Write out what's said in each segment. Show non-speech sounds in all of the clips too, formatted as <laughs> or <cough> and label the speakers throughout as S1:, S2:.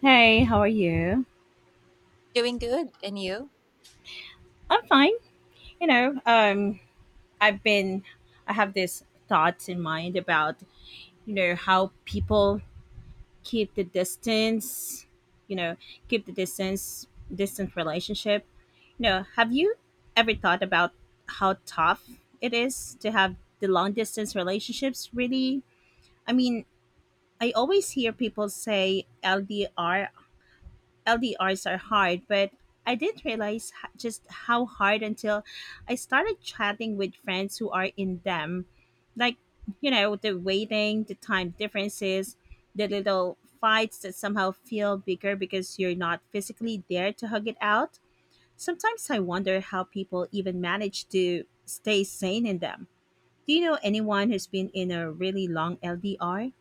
S1: Hey, how are you?
S2: Doing good. And you?
S1: I'm fine. You know, um, I've been, I have this thoughts in mind about, you know, how people keep the distance, you know, keep the distance, distant relationship. You know, have you ever thought about how tough it is to have the long distance relationships? Really? I mean, I always hear people say LDRs are hard, but I didn't realize just how hard until I started chatting with friends who are in them. Like, you know, the waiting, the time differences, the little fights that somehow feel bigger because you're not physically there to hug it out. Sometimes I wonder how people even manage to stay sane in them. Do you know anyone who's been in a really long LDR?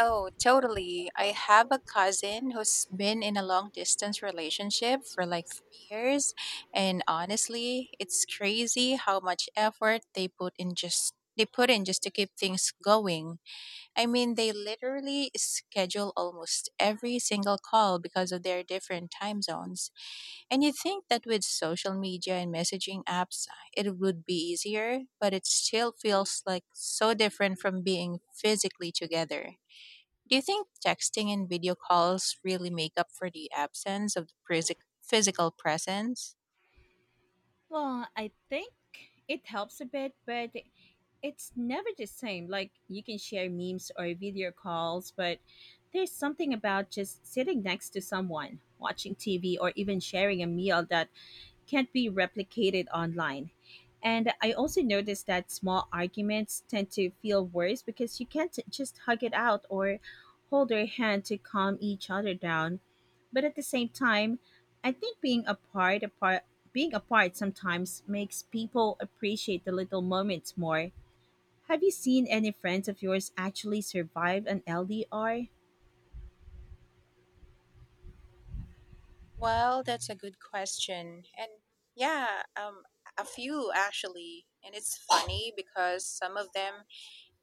S2: Oh, totally. I have a cousin who's been in a long distance relationship for like 3 years. And honestly, it's crazy how much effort they put in just to keep things going. I mean, they literally schedule almost every single call because of their different time zones. And you'd think that with social media and messaging apps, it would be easier, but it still feels like so different from being physically together. Do you think texting and video calls really make up for the absence of the physical presence?
S1: Well, I think it helps a bit, but it's never the same. Like you can share memes or video calls, but there's something about just sitting next to someone, watching TV, or even sharing a meal that can't be replicated online. And I also noticed that small arguments tend to feel worse because you can't just hug it out or hold your hand to calm each other down. But at the same time, I think being apart sometimes makes people appreciate the little moments more. Have you seen any friends of yours actually survive an LDR?
S2: Well, that's a good question. And yeah, a few actually. And it's funny because some of them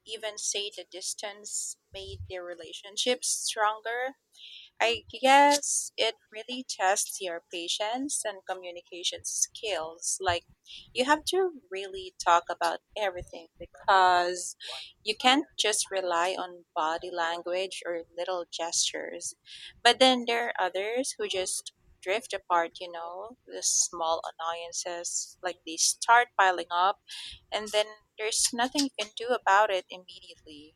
S2: even say the distance made their relationships stronger. I guess it really tests your patience and communication skills. Like, you have to really talk about everything because you can't just rely on body language or little gestures. But then there are others who just drift apart, the small annoyances, like they start piling up, and then there's nothing you can do about it immediately.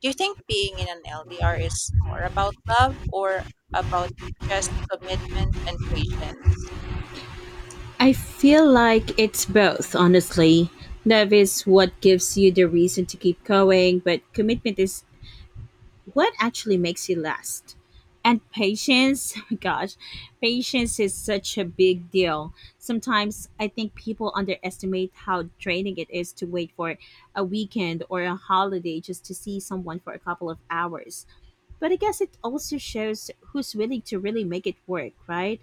S2: Do you think being in an LDR is more about love or about just commitment and patience?
S1: I feel like it's both, honestly. Love is what gives you the reason to keep going, but commitment is what actually makes you last. And patience, <laughs> gosh, patience is such a big deal. Sometimes I think people underestimate how draining it is to wait for a weekend or a holiday just to see someone for a couple of hours. But I guess it also shows who's willing to really make it work, right?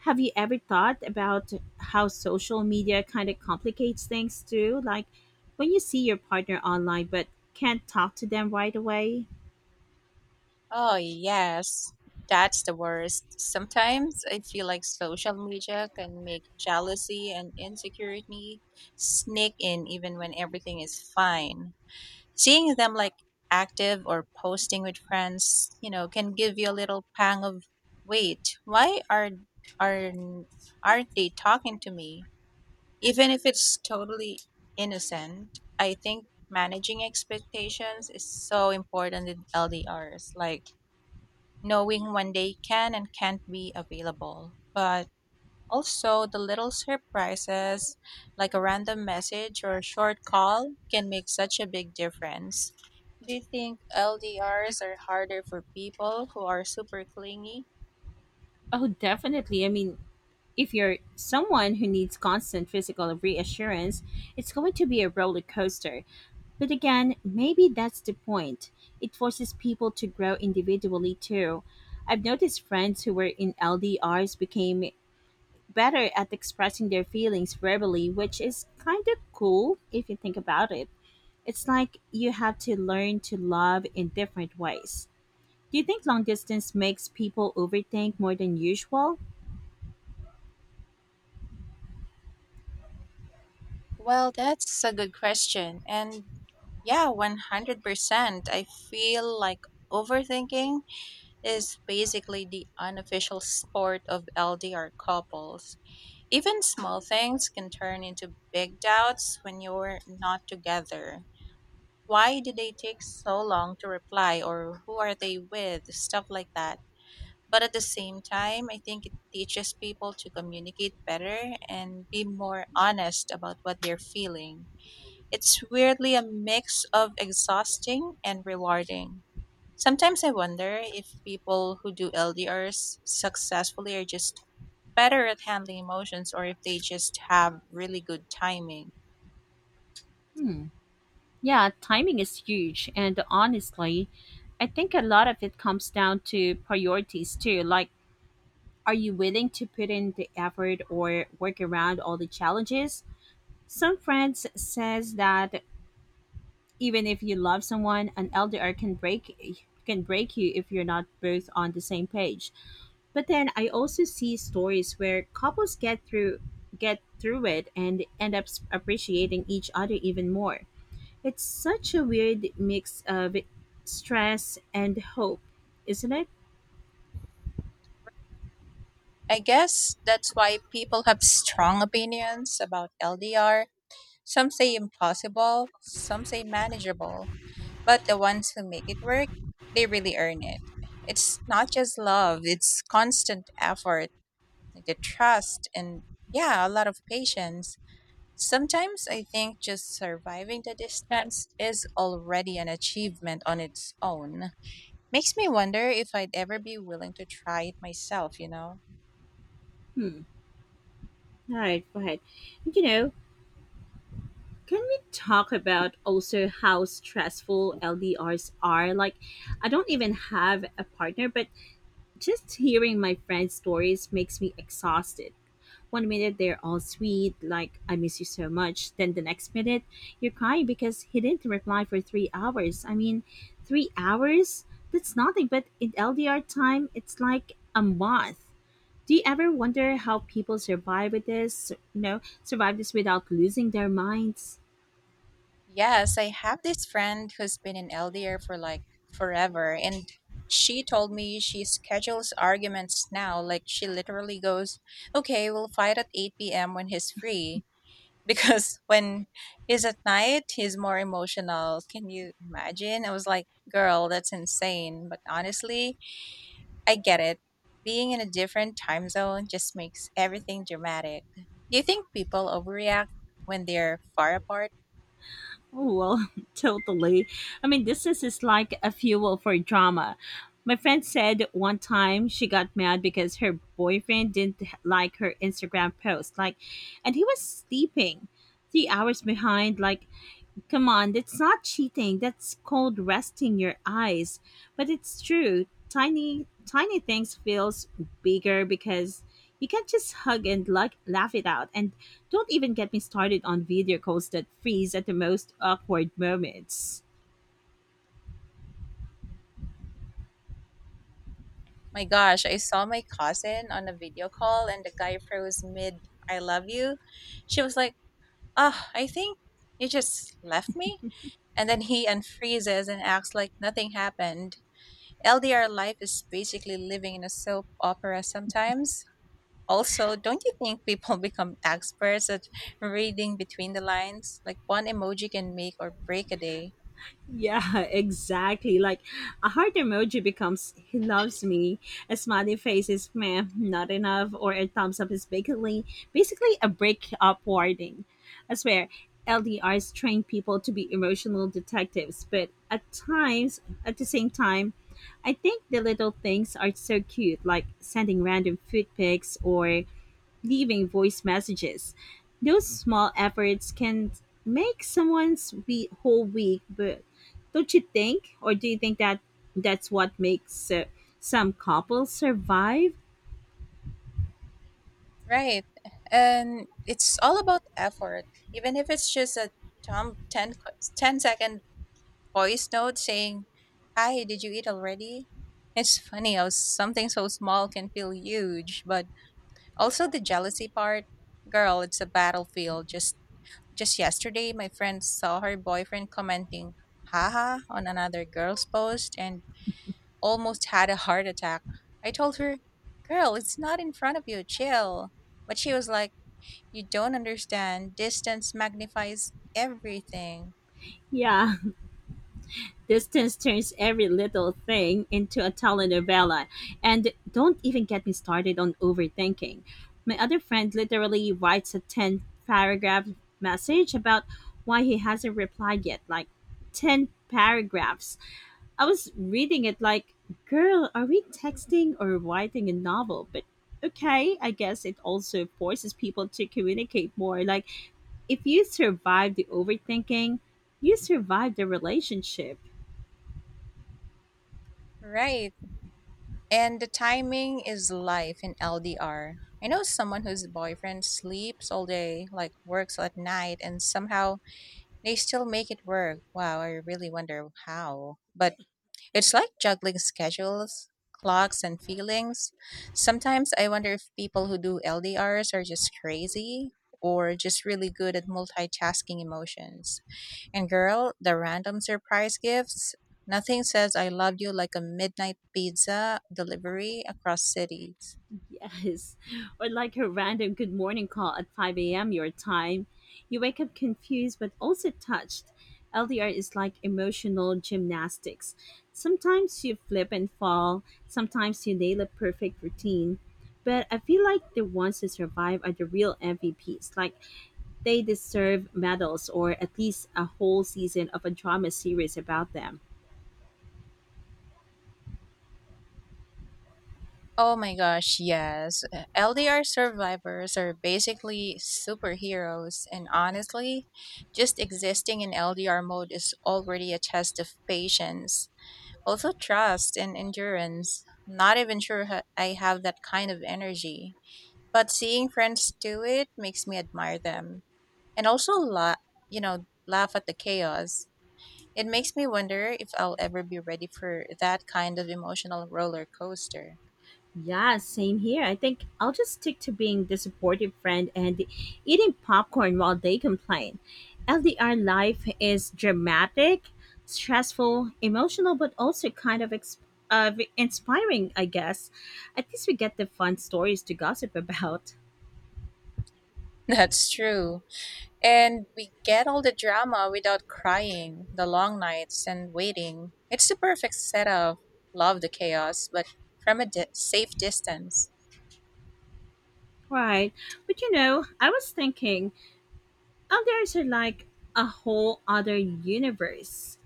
S1: Have you ever thought about how social media kind of complicates things too? Like when you see your partner online but can't talk to them right away?
S2: Oh, yes. That's the worst. Sometimes I feel like social media can make jealousy and insecurity sneak in even when everything is fine. Seeing them like active or posting with friends, can give you a little pang of wait, why are aren't they talking to me? Even if it's totally innocent, I think managing expectations is so important in LDRs, like knowing when they can and can't be available. But also, the little surprises, like a random message or a short call, can make such a big difference. Do you think LDRs are harder for people who are super clingy?
S1: Oh, definitely. I mean, if you're someone who needs constant physical reassurance, it's going to be a roller coaster. But again, maybe that's the point. It forces people to grow individually too. I've noticed friends who were in LDRs became better at expressing their feelings verbally, which is kind of cool if you think about it. It's like you have to learn to love in different ways. Do you think long distance makes people overthink more than usual?
S2: Well, that's a good question. And yeah, 100%. I feel like overthinking is basically the unofficial sport of LDR couples. Even small things can turn into big doubts when you're not together. Why did they take so long to reply, or who are they with? Stuff like that. But at the same time, I think it teaches people to communicate better and be more honest about what they're feeling. It's weirdly a mix of exhausting and rewarding. Sometimes I wonder if people who do LDRs successfully are just better at handling emotions, or if they just have really good timing.
S1: Yeah, timing is huge, and honestly, I think a lot of it comes down to priorities too. Like, are you willing to put in the effort or work around all the challenges? Some friends says that even if you love someone, an LDR can break you if you're not both on the same page. But then I also see stories where couples get through it and end up appreciating each other even more. It's such a weird mix of stress and hope, isn't it?
S2: I guess that's why people have strong opinions about LDR. Some say impossible, some say manageable, but the ones who make it work, they really earn it. It's not just love, it's constant effort, like the trust and, yeah, a lot of patience. Sometimes I think just surviving the distance is already an achievement on its own. Makes me wonder if I'd ever be willing to try it myself, you know?
S1: All right, go ahead. You know, can we talk about also how stressful LDRs are? Like, I don't even have a partner, but just hearing my friends' stories makes me exhausted. One minute they're all sweet, like, I miss you so much. Then the next minute, you're crying because he didn't reply for 3 hours. I mean, 3 hours? That's nothing, but in LDR time, it's like a month. Do you ever wonder how people survive with this? You know, survive this without losing their minds?
S2: Yes, I have this friend who's been in LDR for like forever, and she told me she schedules arguments now. Like, she literally goes, okay, we'll fight at 8 p.m. when he's free, because when he's at night, he's more emotional. Can you imagine? I was like, girl, that's insane. But honestly, I get it. Being in a different time zone just makes everything dramatic. Do you think people overreact when they're far apart?
S1: Oh, well, <laughs> totally. I mean, this is like a fuel for drama. My friend said one time she got mad because her boyfriend didn't like her Instagram post, like, and he was sleeping 3 hours behind, like, come on, that's not cheating. That's called resting your eyes. But it's true. Tiny things feels bigger because you can't just hug and like laugh it out. And don't even get me started on video calls that freeze at the most awkward moments.
S2: My gosh, I saw my cousin on a video call and the guy froze mid I love you. She was like, oh, I think you just left me. And then he unfreezes and acts like nothing happened. LDR life is basically living in a soap opera sometimes. Also, don't you think people <laughs> become experts at reading between the lines? Like, one emoji can make or break a day.
S1: Yeah, <laughs> exactly. Like a heart emoji becomes he loves me, a smiley face is meh, not enough, or a thumbs up is basically a breakup warning. I swear, LDRs train people to be emotional detectives, but at the same time, I think the little things are so cute, like sending random food pics or leaving voice messages. Those small efforts can make someone's we whole week, but don't you think? Or do you think that that's what makes some couples survive?
S2: Right. And it's all about effort. Even if it's just a 10, 10-second voice note saying, hi, did you eat already? It's funny how something so small can feel huge, but also the jealousy part. Girl, it's a battlefield. Just yesterday, my friend saw her boyfriend commenting haha on another girl's post and almost had a heart attack. I told her, girl, it's not in front of you, chill. But she was like, you don't understand. Distance magnifies everything.
S1: Yeah, <laughs> distance turns every little thing into a telenovela. And don't even get me started on overthinking. My other friend literally writes a 10 paragraph message about why he hasn't replied yet, like 10 paragraphs. I was reading it like, girl, are we texting or writing a novel? But okay, I guess it also forces people to communicate more. Like, if you survive the overthinking, you survive the relationship.
S2: Right. And the timing is life in LDR. I know someone whose boyfriend sleeps all day, like works at night, and somehow they still make it work. Wow, I really wonder how. But it's like juggling schedules, clocks, and feelings. Sometimes I wonder if people who do LDRs are just crazy or just really good at multitasking emotions. And girl, the random surprise gifts. Nothing says I love you like a midnight pizza delivery across cities.
S1: Yes. <laughs> Or like a random good morning call at 5 a.m. your time. You wake up confused but also touched. LDR is like emotional gymnastics. Sometimes you flip and fall, sometimes you nail a perfect routine. But I feel like the ones who survive are the real MVPs. Like they deserve medals or at least a whole season of a drama series about them.
S2: Oh my gosh, yes. LDR survivors are basically superheroes, and honestly, just existing in LDR mode is already a test of patience, also trust and endurance. Not even sure I have that kind of energy, but seeing friends do it makes me admire them and also laugh at the chaos. It makes me wonder if I'll ever be ready for that kind of emotional roller coaster.
S1: Yeah, same here. I think I'll just stick to being the supportive friend and eating popcorn while they complain. LDR life is dramatic, stressful, emotional, but also kind of of inspiring, I guess. At least we get the fun stories to gossip <laughs> about.
S2: <laughs> That's true. And we get all the drama without crying, the long nights and waiting. It's the perfect setup. Love the chaos, but from a safe distance.
S1: Right. But you know, I was thinking LDRs are like a whole other universe.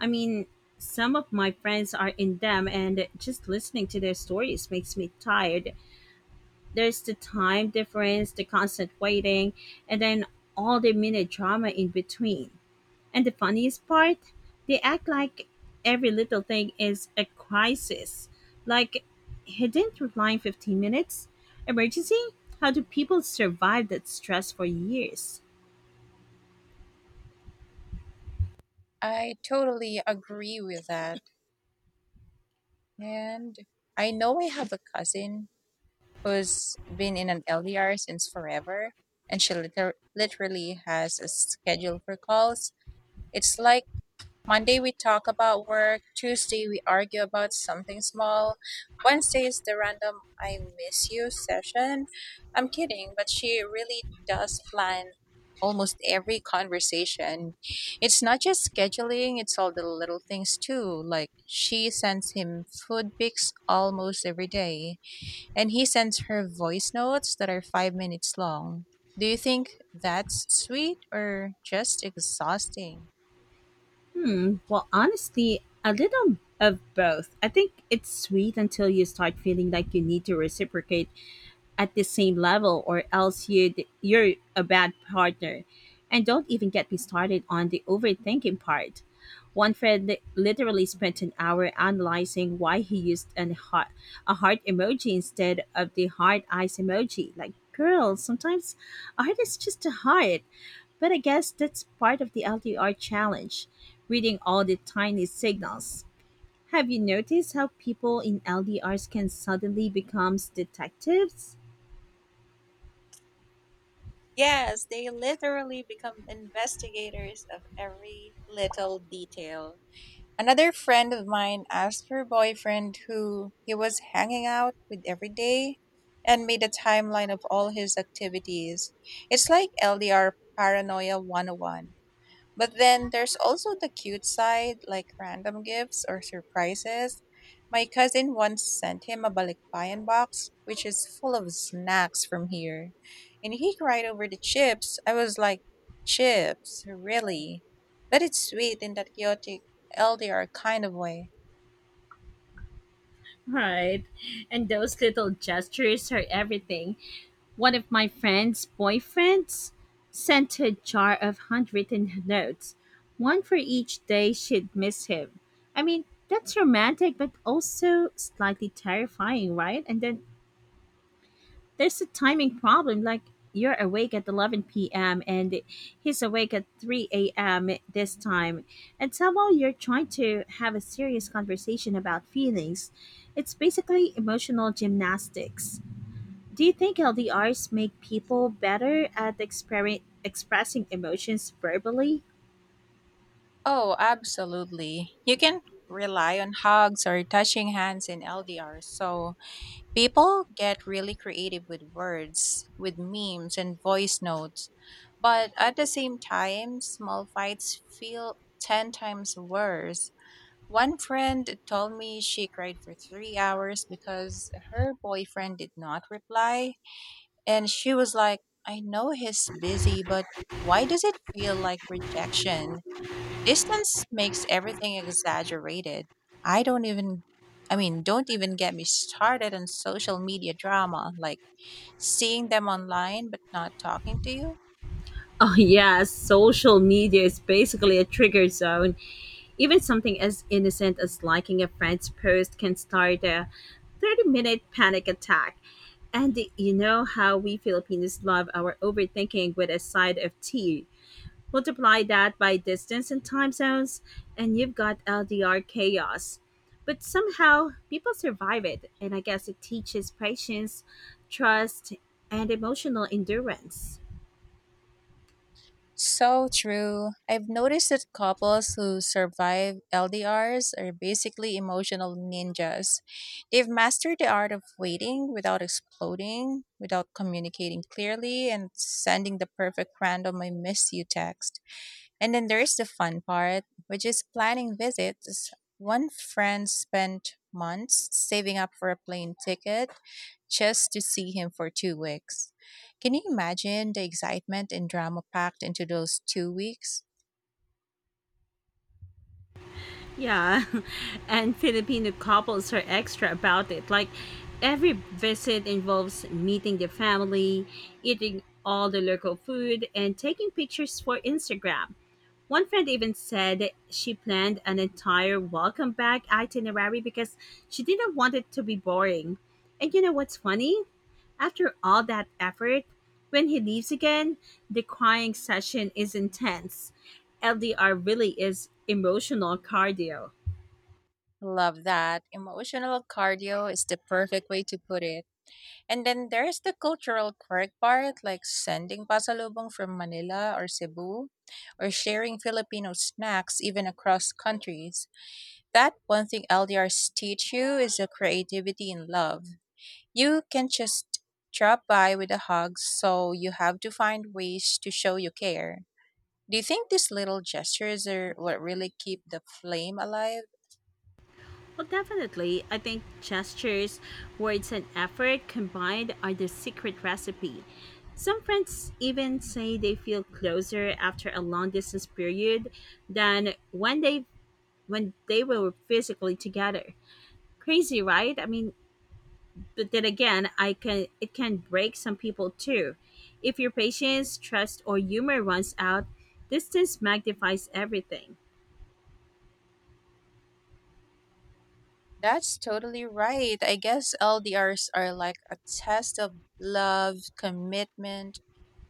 S1: I mean, some of my friends are in them, and just listening to their stories makes me tired. There's the time difference, the constant waiting, and then all the minute drama in between. And the funniest part, they act like every little thing is a crisis. Like, he didn't reply in 15 minutes? Emergency? How do people survive that stress for years?
S2: I totally agree with that. And I know, I have a cousin who's been in an LDR since forever, and she literally has a schedule for calls. It's like, Monday, we talk about work. Tuesday, we argue about something small. Wednesday is the random I miss you session. I'm kidding, but she really does plan almost every conversation. It's not just scheduling, it's all the little things too. Like, she sends him food pics almost every day, and he sends her voice notes that are 5 minutes long. Do you think that's sweet or just exhausting?
S1: Hmm. Well, honestly, a little of both. I think it's sweet until you start feeling like you need to reciprocate at the same level or else you you're a bad partner. And don't even get me started on the overthinking part. One friend literally spent an hour analyzing why he used a heart emoji instead of the heart eyes emoji. Like, girl, sometimes a heart is just a heart. But I guess that's part of the LDR challenge, reading all the tiny signals. Have you noticed how people in LDRs can suddenly become detectives?
S2: Yes, they literally become investigators of every little detail. Another friend of mine asked her boyfriend who he was hanging out with every day and made a timeline of all his activities. It's like LDR Paranoia 101. But then there's also the cute side, like random gifts or surprises. My cousin once sent him a balikpayan box, which is full of snacks from here. And he cried over the chips. I was like, chips? Really? But it's sweet in that chaotic LDR kind of way.
S1: Right. And those little gestures are everything. One of my friend's boyfriends sent a jar of handwritten notes, one for each day she'd miss him. I mean, that's romantic, but also slightly terrifying, right? And then there's a timing problem. Like you're awake at 11 p.m. and he's awake at 3 a.m. this time, and somehow you're trying to have a serious conversation about feelings. It's basically emotional gymnastics. Do you think LDRs make people better at expressing emotions verbally?
S2: Oh, absolutely. You can rely on hugs or touching hands in LDR, so people get really creative with words, with memes and voice notes, but at the same time, small fights feel 10 times worse. One friend told me she cried for 3 hours because her boyfriend did not reply, and she was like, I know he's busy, but why does it feel like rejection? Distance makes everything exaggerated. I don't even, I mean, don't even get me started on social media drama, like seeing them online but not talking to you.
S1: Oh, yeah, social media is basically a trigger zone. Even something as innocent as liking a friend's post can start a 30-minute panic attack. And you know how we Filipinos love our overthinking with a side of tea. Multiply that by distance and time zones, and you've got LDR chaos. But somehow, people survive it, and I guess it teaches patience, trust, and emotional endurance.
S2: So true. I've noticed that couples who survive LDRs are basically emotional ninjas. They've mastered the art of waiting without exploding, without communicating clearly, and sending the perfect random I miss you text. And then there is the fun part, which is planning visits. One friend spent months saving up for a plane ticket just to see him for 2 weeks. Can you imagine the excitement and drama packed into those 2 weeks?
S1: Yeah, <laughs> and Filipino couples are extra about it. Like every visit involves meeting the family, eating all the local food, and taking pictures for Instagram. One friend even said she planned an entire welcome back itinerary because she didn't want it to be boring. And you know what's funny? After all that effort, when he leaves again, the crying session is intense. LDR really is emotional cardio.
S2: Love that. Emotional cardio is the perfect way to put it. And then there's the cultural quirk part, like sending pasalubong from Manila or Cebu, or sharing Filipino snacks even across countries. That one thing LDRs teach you is the creativity and love. You can just drop by with a hug, so you have to find ways to show you care. Do you think these little gestures are what really keep the flame alive?
S1: Well, definitely, I think gestures, words, and effort combined are the secret recipe. Some friends even say they feel closer after a long distance period than when they were physically together. Crazy, right? I mean, but then again I can it can break some people too if your patience, trust or humor runs out. Distance magnifies everything.
S2: That's totally right. I guess LDRs are like a test of love, commitment,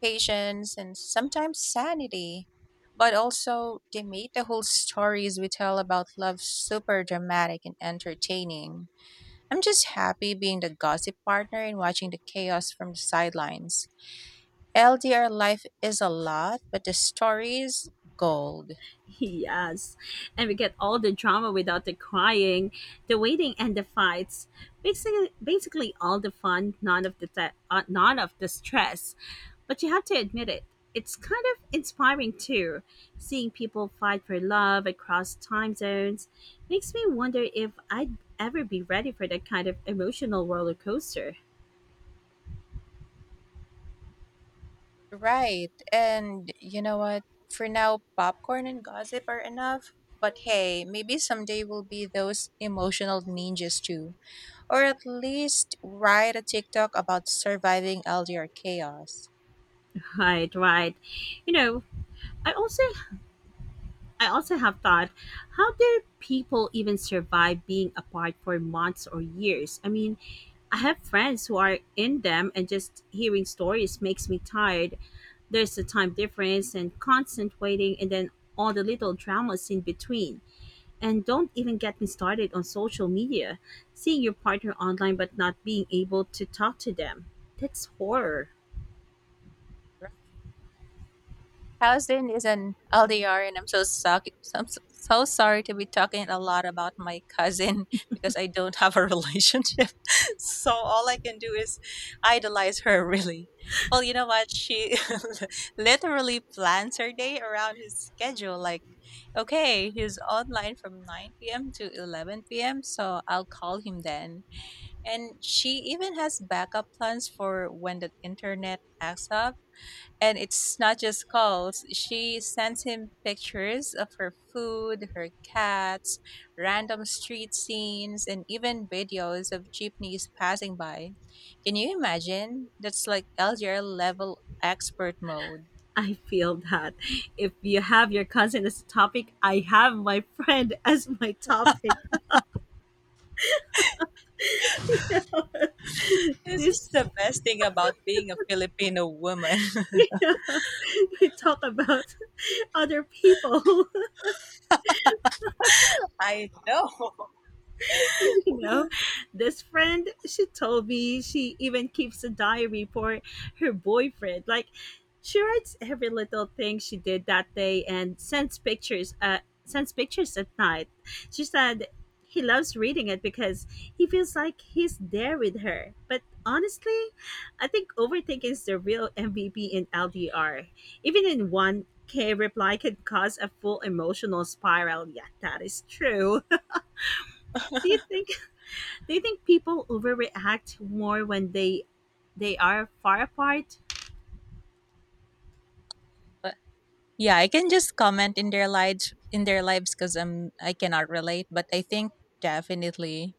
S2: patience, and sometimes sanity. But also, they made the whole stories we tell about love super dramatic and entertaining. I'm just happy being the gossip partner and watching the chaos from the sidelines. LDR life is a lot, but the stories, gold.
S1: <laughs> Yes. And we get all the drama without the crying, the waiting and the fights. Basically all the fun, none of the none of the stress. But you have to admit it. It's kind of inspiring too. Seeing people fight for love across time zones makes me wonder if I'd ever be ready for that kind of emotional roller coaster.
S2: Right. And you know what? For now, popcorn and gossip are enough. But hey, maybe someday we'll be those emotional ninjas too. Or at least write a TikTok about surviving LDR chaos.
S1: Right, right. You know, I also I also have thought, how do people even survive being apart for months or years? I mean, I have friends who are in them, and just hearing stories makes me tired. There's the time difference and constant waiting, and then all the little dramas in between. And don't even get me started on social media, seeing your partner online but not being able to talk to them. That's horror.
S2: Right. Houston is an LDR, and I'm so suck. So, I'm so sorry to be talking a lot about my cousin <laughs> because I don't have a relationship. <laughs> So all I can do is idolize her. Really, well, you know what? She <laughs> literally plans her day around his schedule. Like, okay, he's online from 9 p.m. to 11 p.m., so I'll call him then. And she even has backup plans for when the internet acts up, and it's not just calls. She sends him pictures of her food, her cats, random street scenes, and even videos of jeepneys passing by. Can you imagine? That's like LDR level expert mode.
S1: I feel that if you have your cousin as a topic, I have my friend <laughs> as my topic. <laughs>
S2: This is
S1: This,
S2: the best thing about being a Filipino woman.
S1: <laughs> yeah, we talk about other people. <laughs>
S2: <laughs> I know.
S1: <laughs> you know, this friend, she told me she even keeps a diary for her boyfriend. Like, she writes every little thing she did that day and sends pictures. Sends pictures at night. She said he loves reading it because he feels like he's there with her. But honestly, I think overthinking is the real MVP in LDR. Even in one K reply can cause a full emotional spiral. Yeah, that is true. <laughs> Do you think do you think people overreact more when they are far apart?
S2: <laughs> Yeah, I can just comment in their lives because I cannot relate, but I think definitely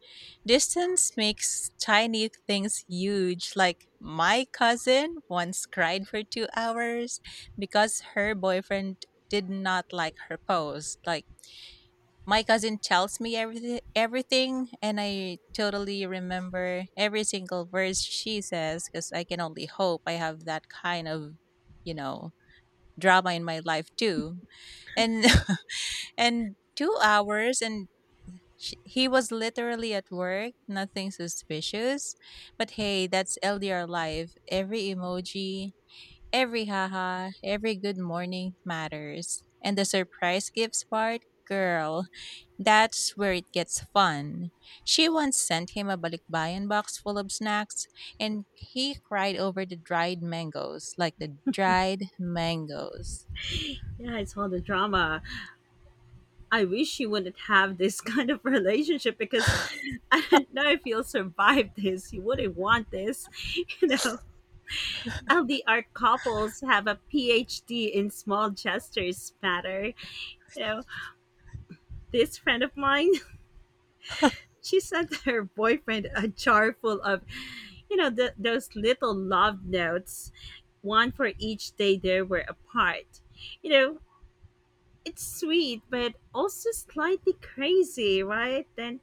S2: distance makes tiny things huge. Like, my cousin once cried for 2 hours because her boyfriend did not like her post. Like, my cousin tells me everything, everything, and I totally remember every single verse she says, because I can only hope I have that kind of, you know, drama in my life too. And <laughs> and 2 hours. And sh he was literally at work, nothing suspicious. But hey, that's LDR life. Every emoji, every haha, every good morning matters. And the surprise gifts part, girl, that's where it gets fun. She once sent him a balikbayan box full of snacks, and he cried over the dried mangoes. Like, the dried mangoes.
S1: Yeah, it's all the drama. I wish you wouldn't have this <laughs> kind of relationship because <laughs> I don't know if you'll survive this. You wouldn't want this, <laughs> you know. LDR couples have a PhD in small gestures matter. You know, this friend of mine she sent <laughs> her boyfriend a jar full of, those little love notes, one for each day they were apart. You know, it's sweet, but also slightly crazy, right? Then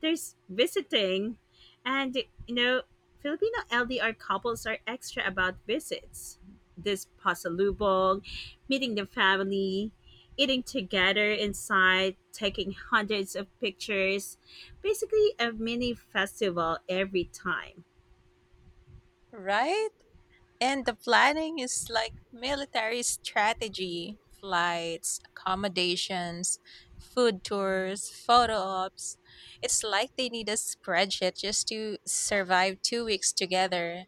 S1: there's visiting, and you know Filipino LDR couples are extra about visits. This pasalubong, meeting the family, eating together inside, taking hundreds of pictures, basically a mini festival every time.
S2: Right. And the planning is like military strategy, flights, accommodations, food tours, photo ops. It's like they need a spreadsheet just to survive 2 weeks together.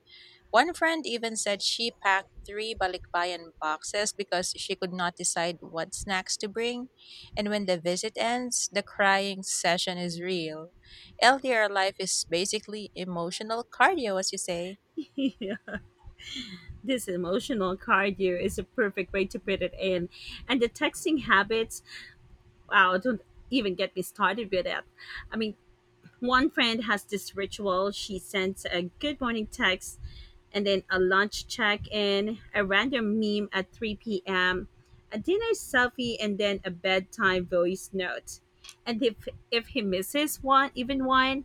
S2: One friend even said she packed three balikbayan boxes because she could not decide what snacks to bring. And when the visit ends, the crying session is real. LDR life is basically emotional cardio, as you say.
S1: <laughs> Yeah. This emotional cardio is a perfect way to put it in. And the texting habits, wow, don't even get me started with it. I mean, one friend has this ritual. She sends a good morning text and then a lunch check in, a random meme at 3 p.m., a dinner selfie, and then a bedtime voice note. And if he misses one, even one,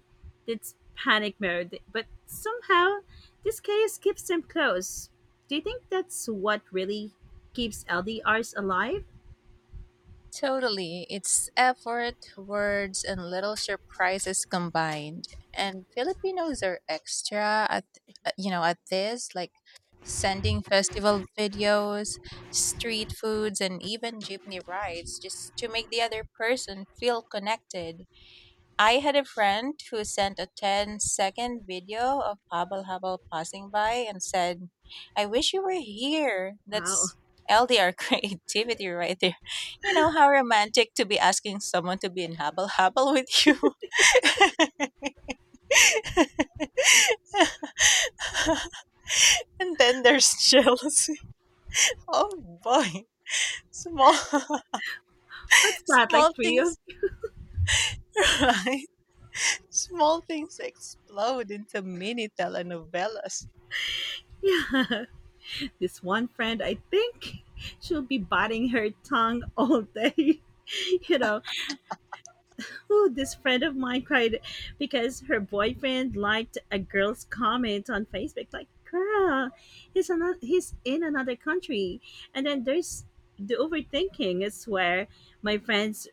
S1: it's panic mode. But somehow, this chaos keeps them close. Do you think that's what really keeps LDRs alive?
S2: Totally. It's effort, words, and little surprises combined. And Filipinos are extra at, you know, at this, like sending festival videos, street foods, and even jeepney rides just to make the other person feel connected. I had a friend who sent a ten-second video of Hubble Hubble passing by and said, I wish you were here.
S1: Wow,
S2: That's LDR <laughs> creativity right there. You know, how romantic to be asking someone to be in Hubble Hubble with you. <laughs> And then there's <laughs> jealousy. Oh boy. Small, <laughs>
S1: what's that
S2: small
S1: like for you?
S2: things, <laughs> right? Small things explode into mini telenovelas.
S1: <laughs> Yeah. This one friend, I think, <laughs> she'll be biting her tongue all day. <laughs> you know, oh, this friend of mine cried because her boyfriend liked a girl's comment on Facebook. Like, girl, he's in another country. And then there's the overthinking, is where my friends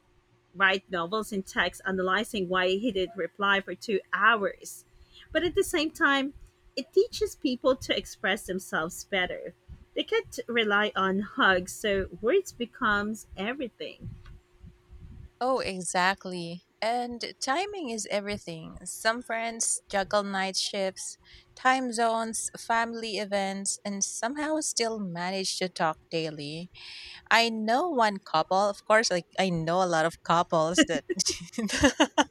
S1: write novels in text analyzing why he did not reply for 2 hours. But at the same time, it teaches people to express themselves better. They can't rely on hugs, so words becomes everything.
S2: Oh, exactly. And timing is everything. Some friends juggle night shifts, time zones, family events, and somehow still manage to talk daily. I know one couple, of course, like I know a lot of couples that <laughs>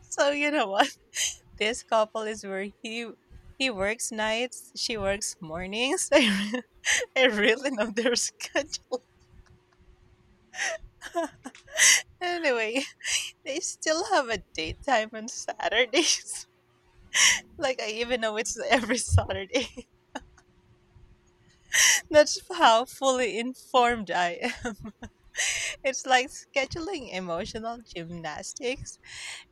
S2: so you know what? <laughs> This couple is where he works nights, she works mornings. <laughs> I really know their schedule. Anyway, <laughs> they still have a date time on Saturdays. Like, I even know it's every Saturday. <laughs> That's how fully informed I am. <laughs> It's like scheduling emotional gymnastics,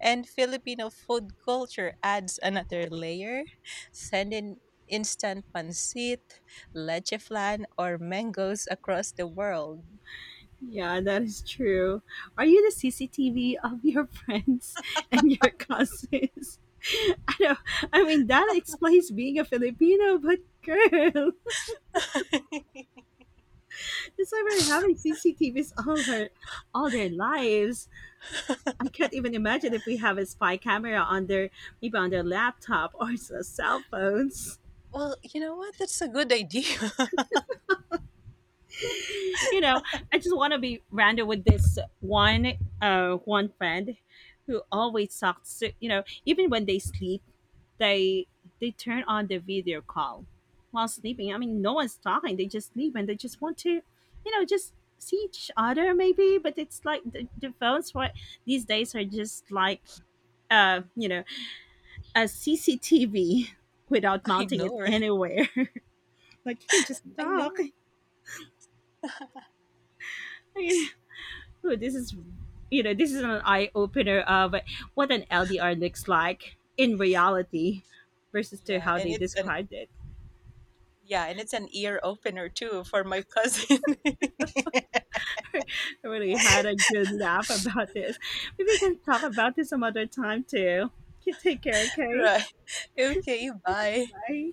S2: and Filipino food culture adds another layer. Send in instant pancit, leche flan, or mangoes across the world.
S1: Yeah, that is true. Are you the CCTV of your friends <laughs> and your cousins? <laughs> I know. I mean, that explains being a Filipino, but girl,
S2: <laughs>
S1: <laughs> it's like we're having CCTVs all their lives. I can't even imagine if we have a spy camera on their, maybe on their laptop or cell phones. <laughs>
S2: Well, you know what? That's a good idea. <laughs>
S1: You know, I just want to be random with this one friend who always talks. To, even when they sleep, they they turn on the video call while sleeping. I mean, no one's talking; they just sleep and they just want to, just see each other maybe. But it's like the phones for these days are just like uh you know a CCTV without
S2: I
S1: mounting
S2: know,
S1: it
S2: right?
S1: anywhere. <laughs> Like you can just
S2: I
S1: talk. I
S2: know. <laughs>
S1: mean, oh, this is, an eye opener of what an LDR looks like in reality versus to
S2: Yeah,
S1: how they described it.
S2: and it's an ear opener too for my cousin. <laughs>
S1: I really had a good laugh about this. Maybe we can talk about this some other time too. You take care, okay?
S2: Right. <laughs> Okay, bye.
S1: Bye.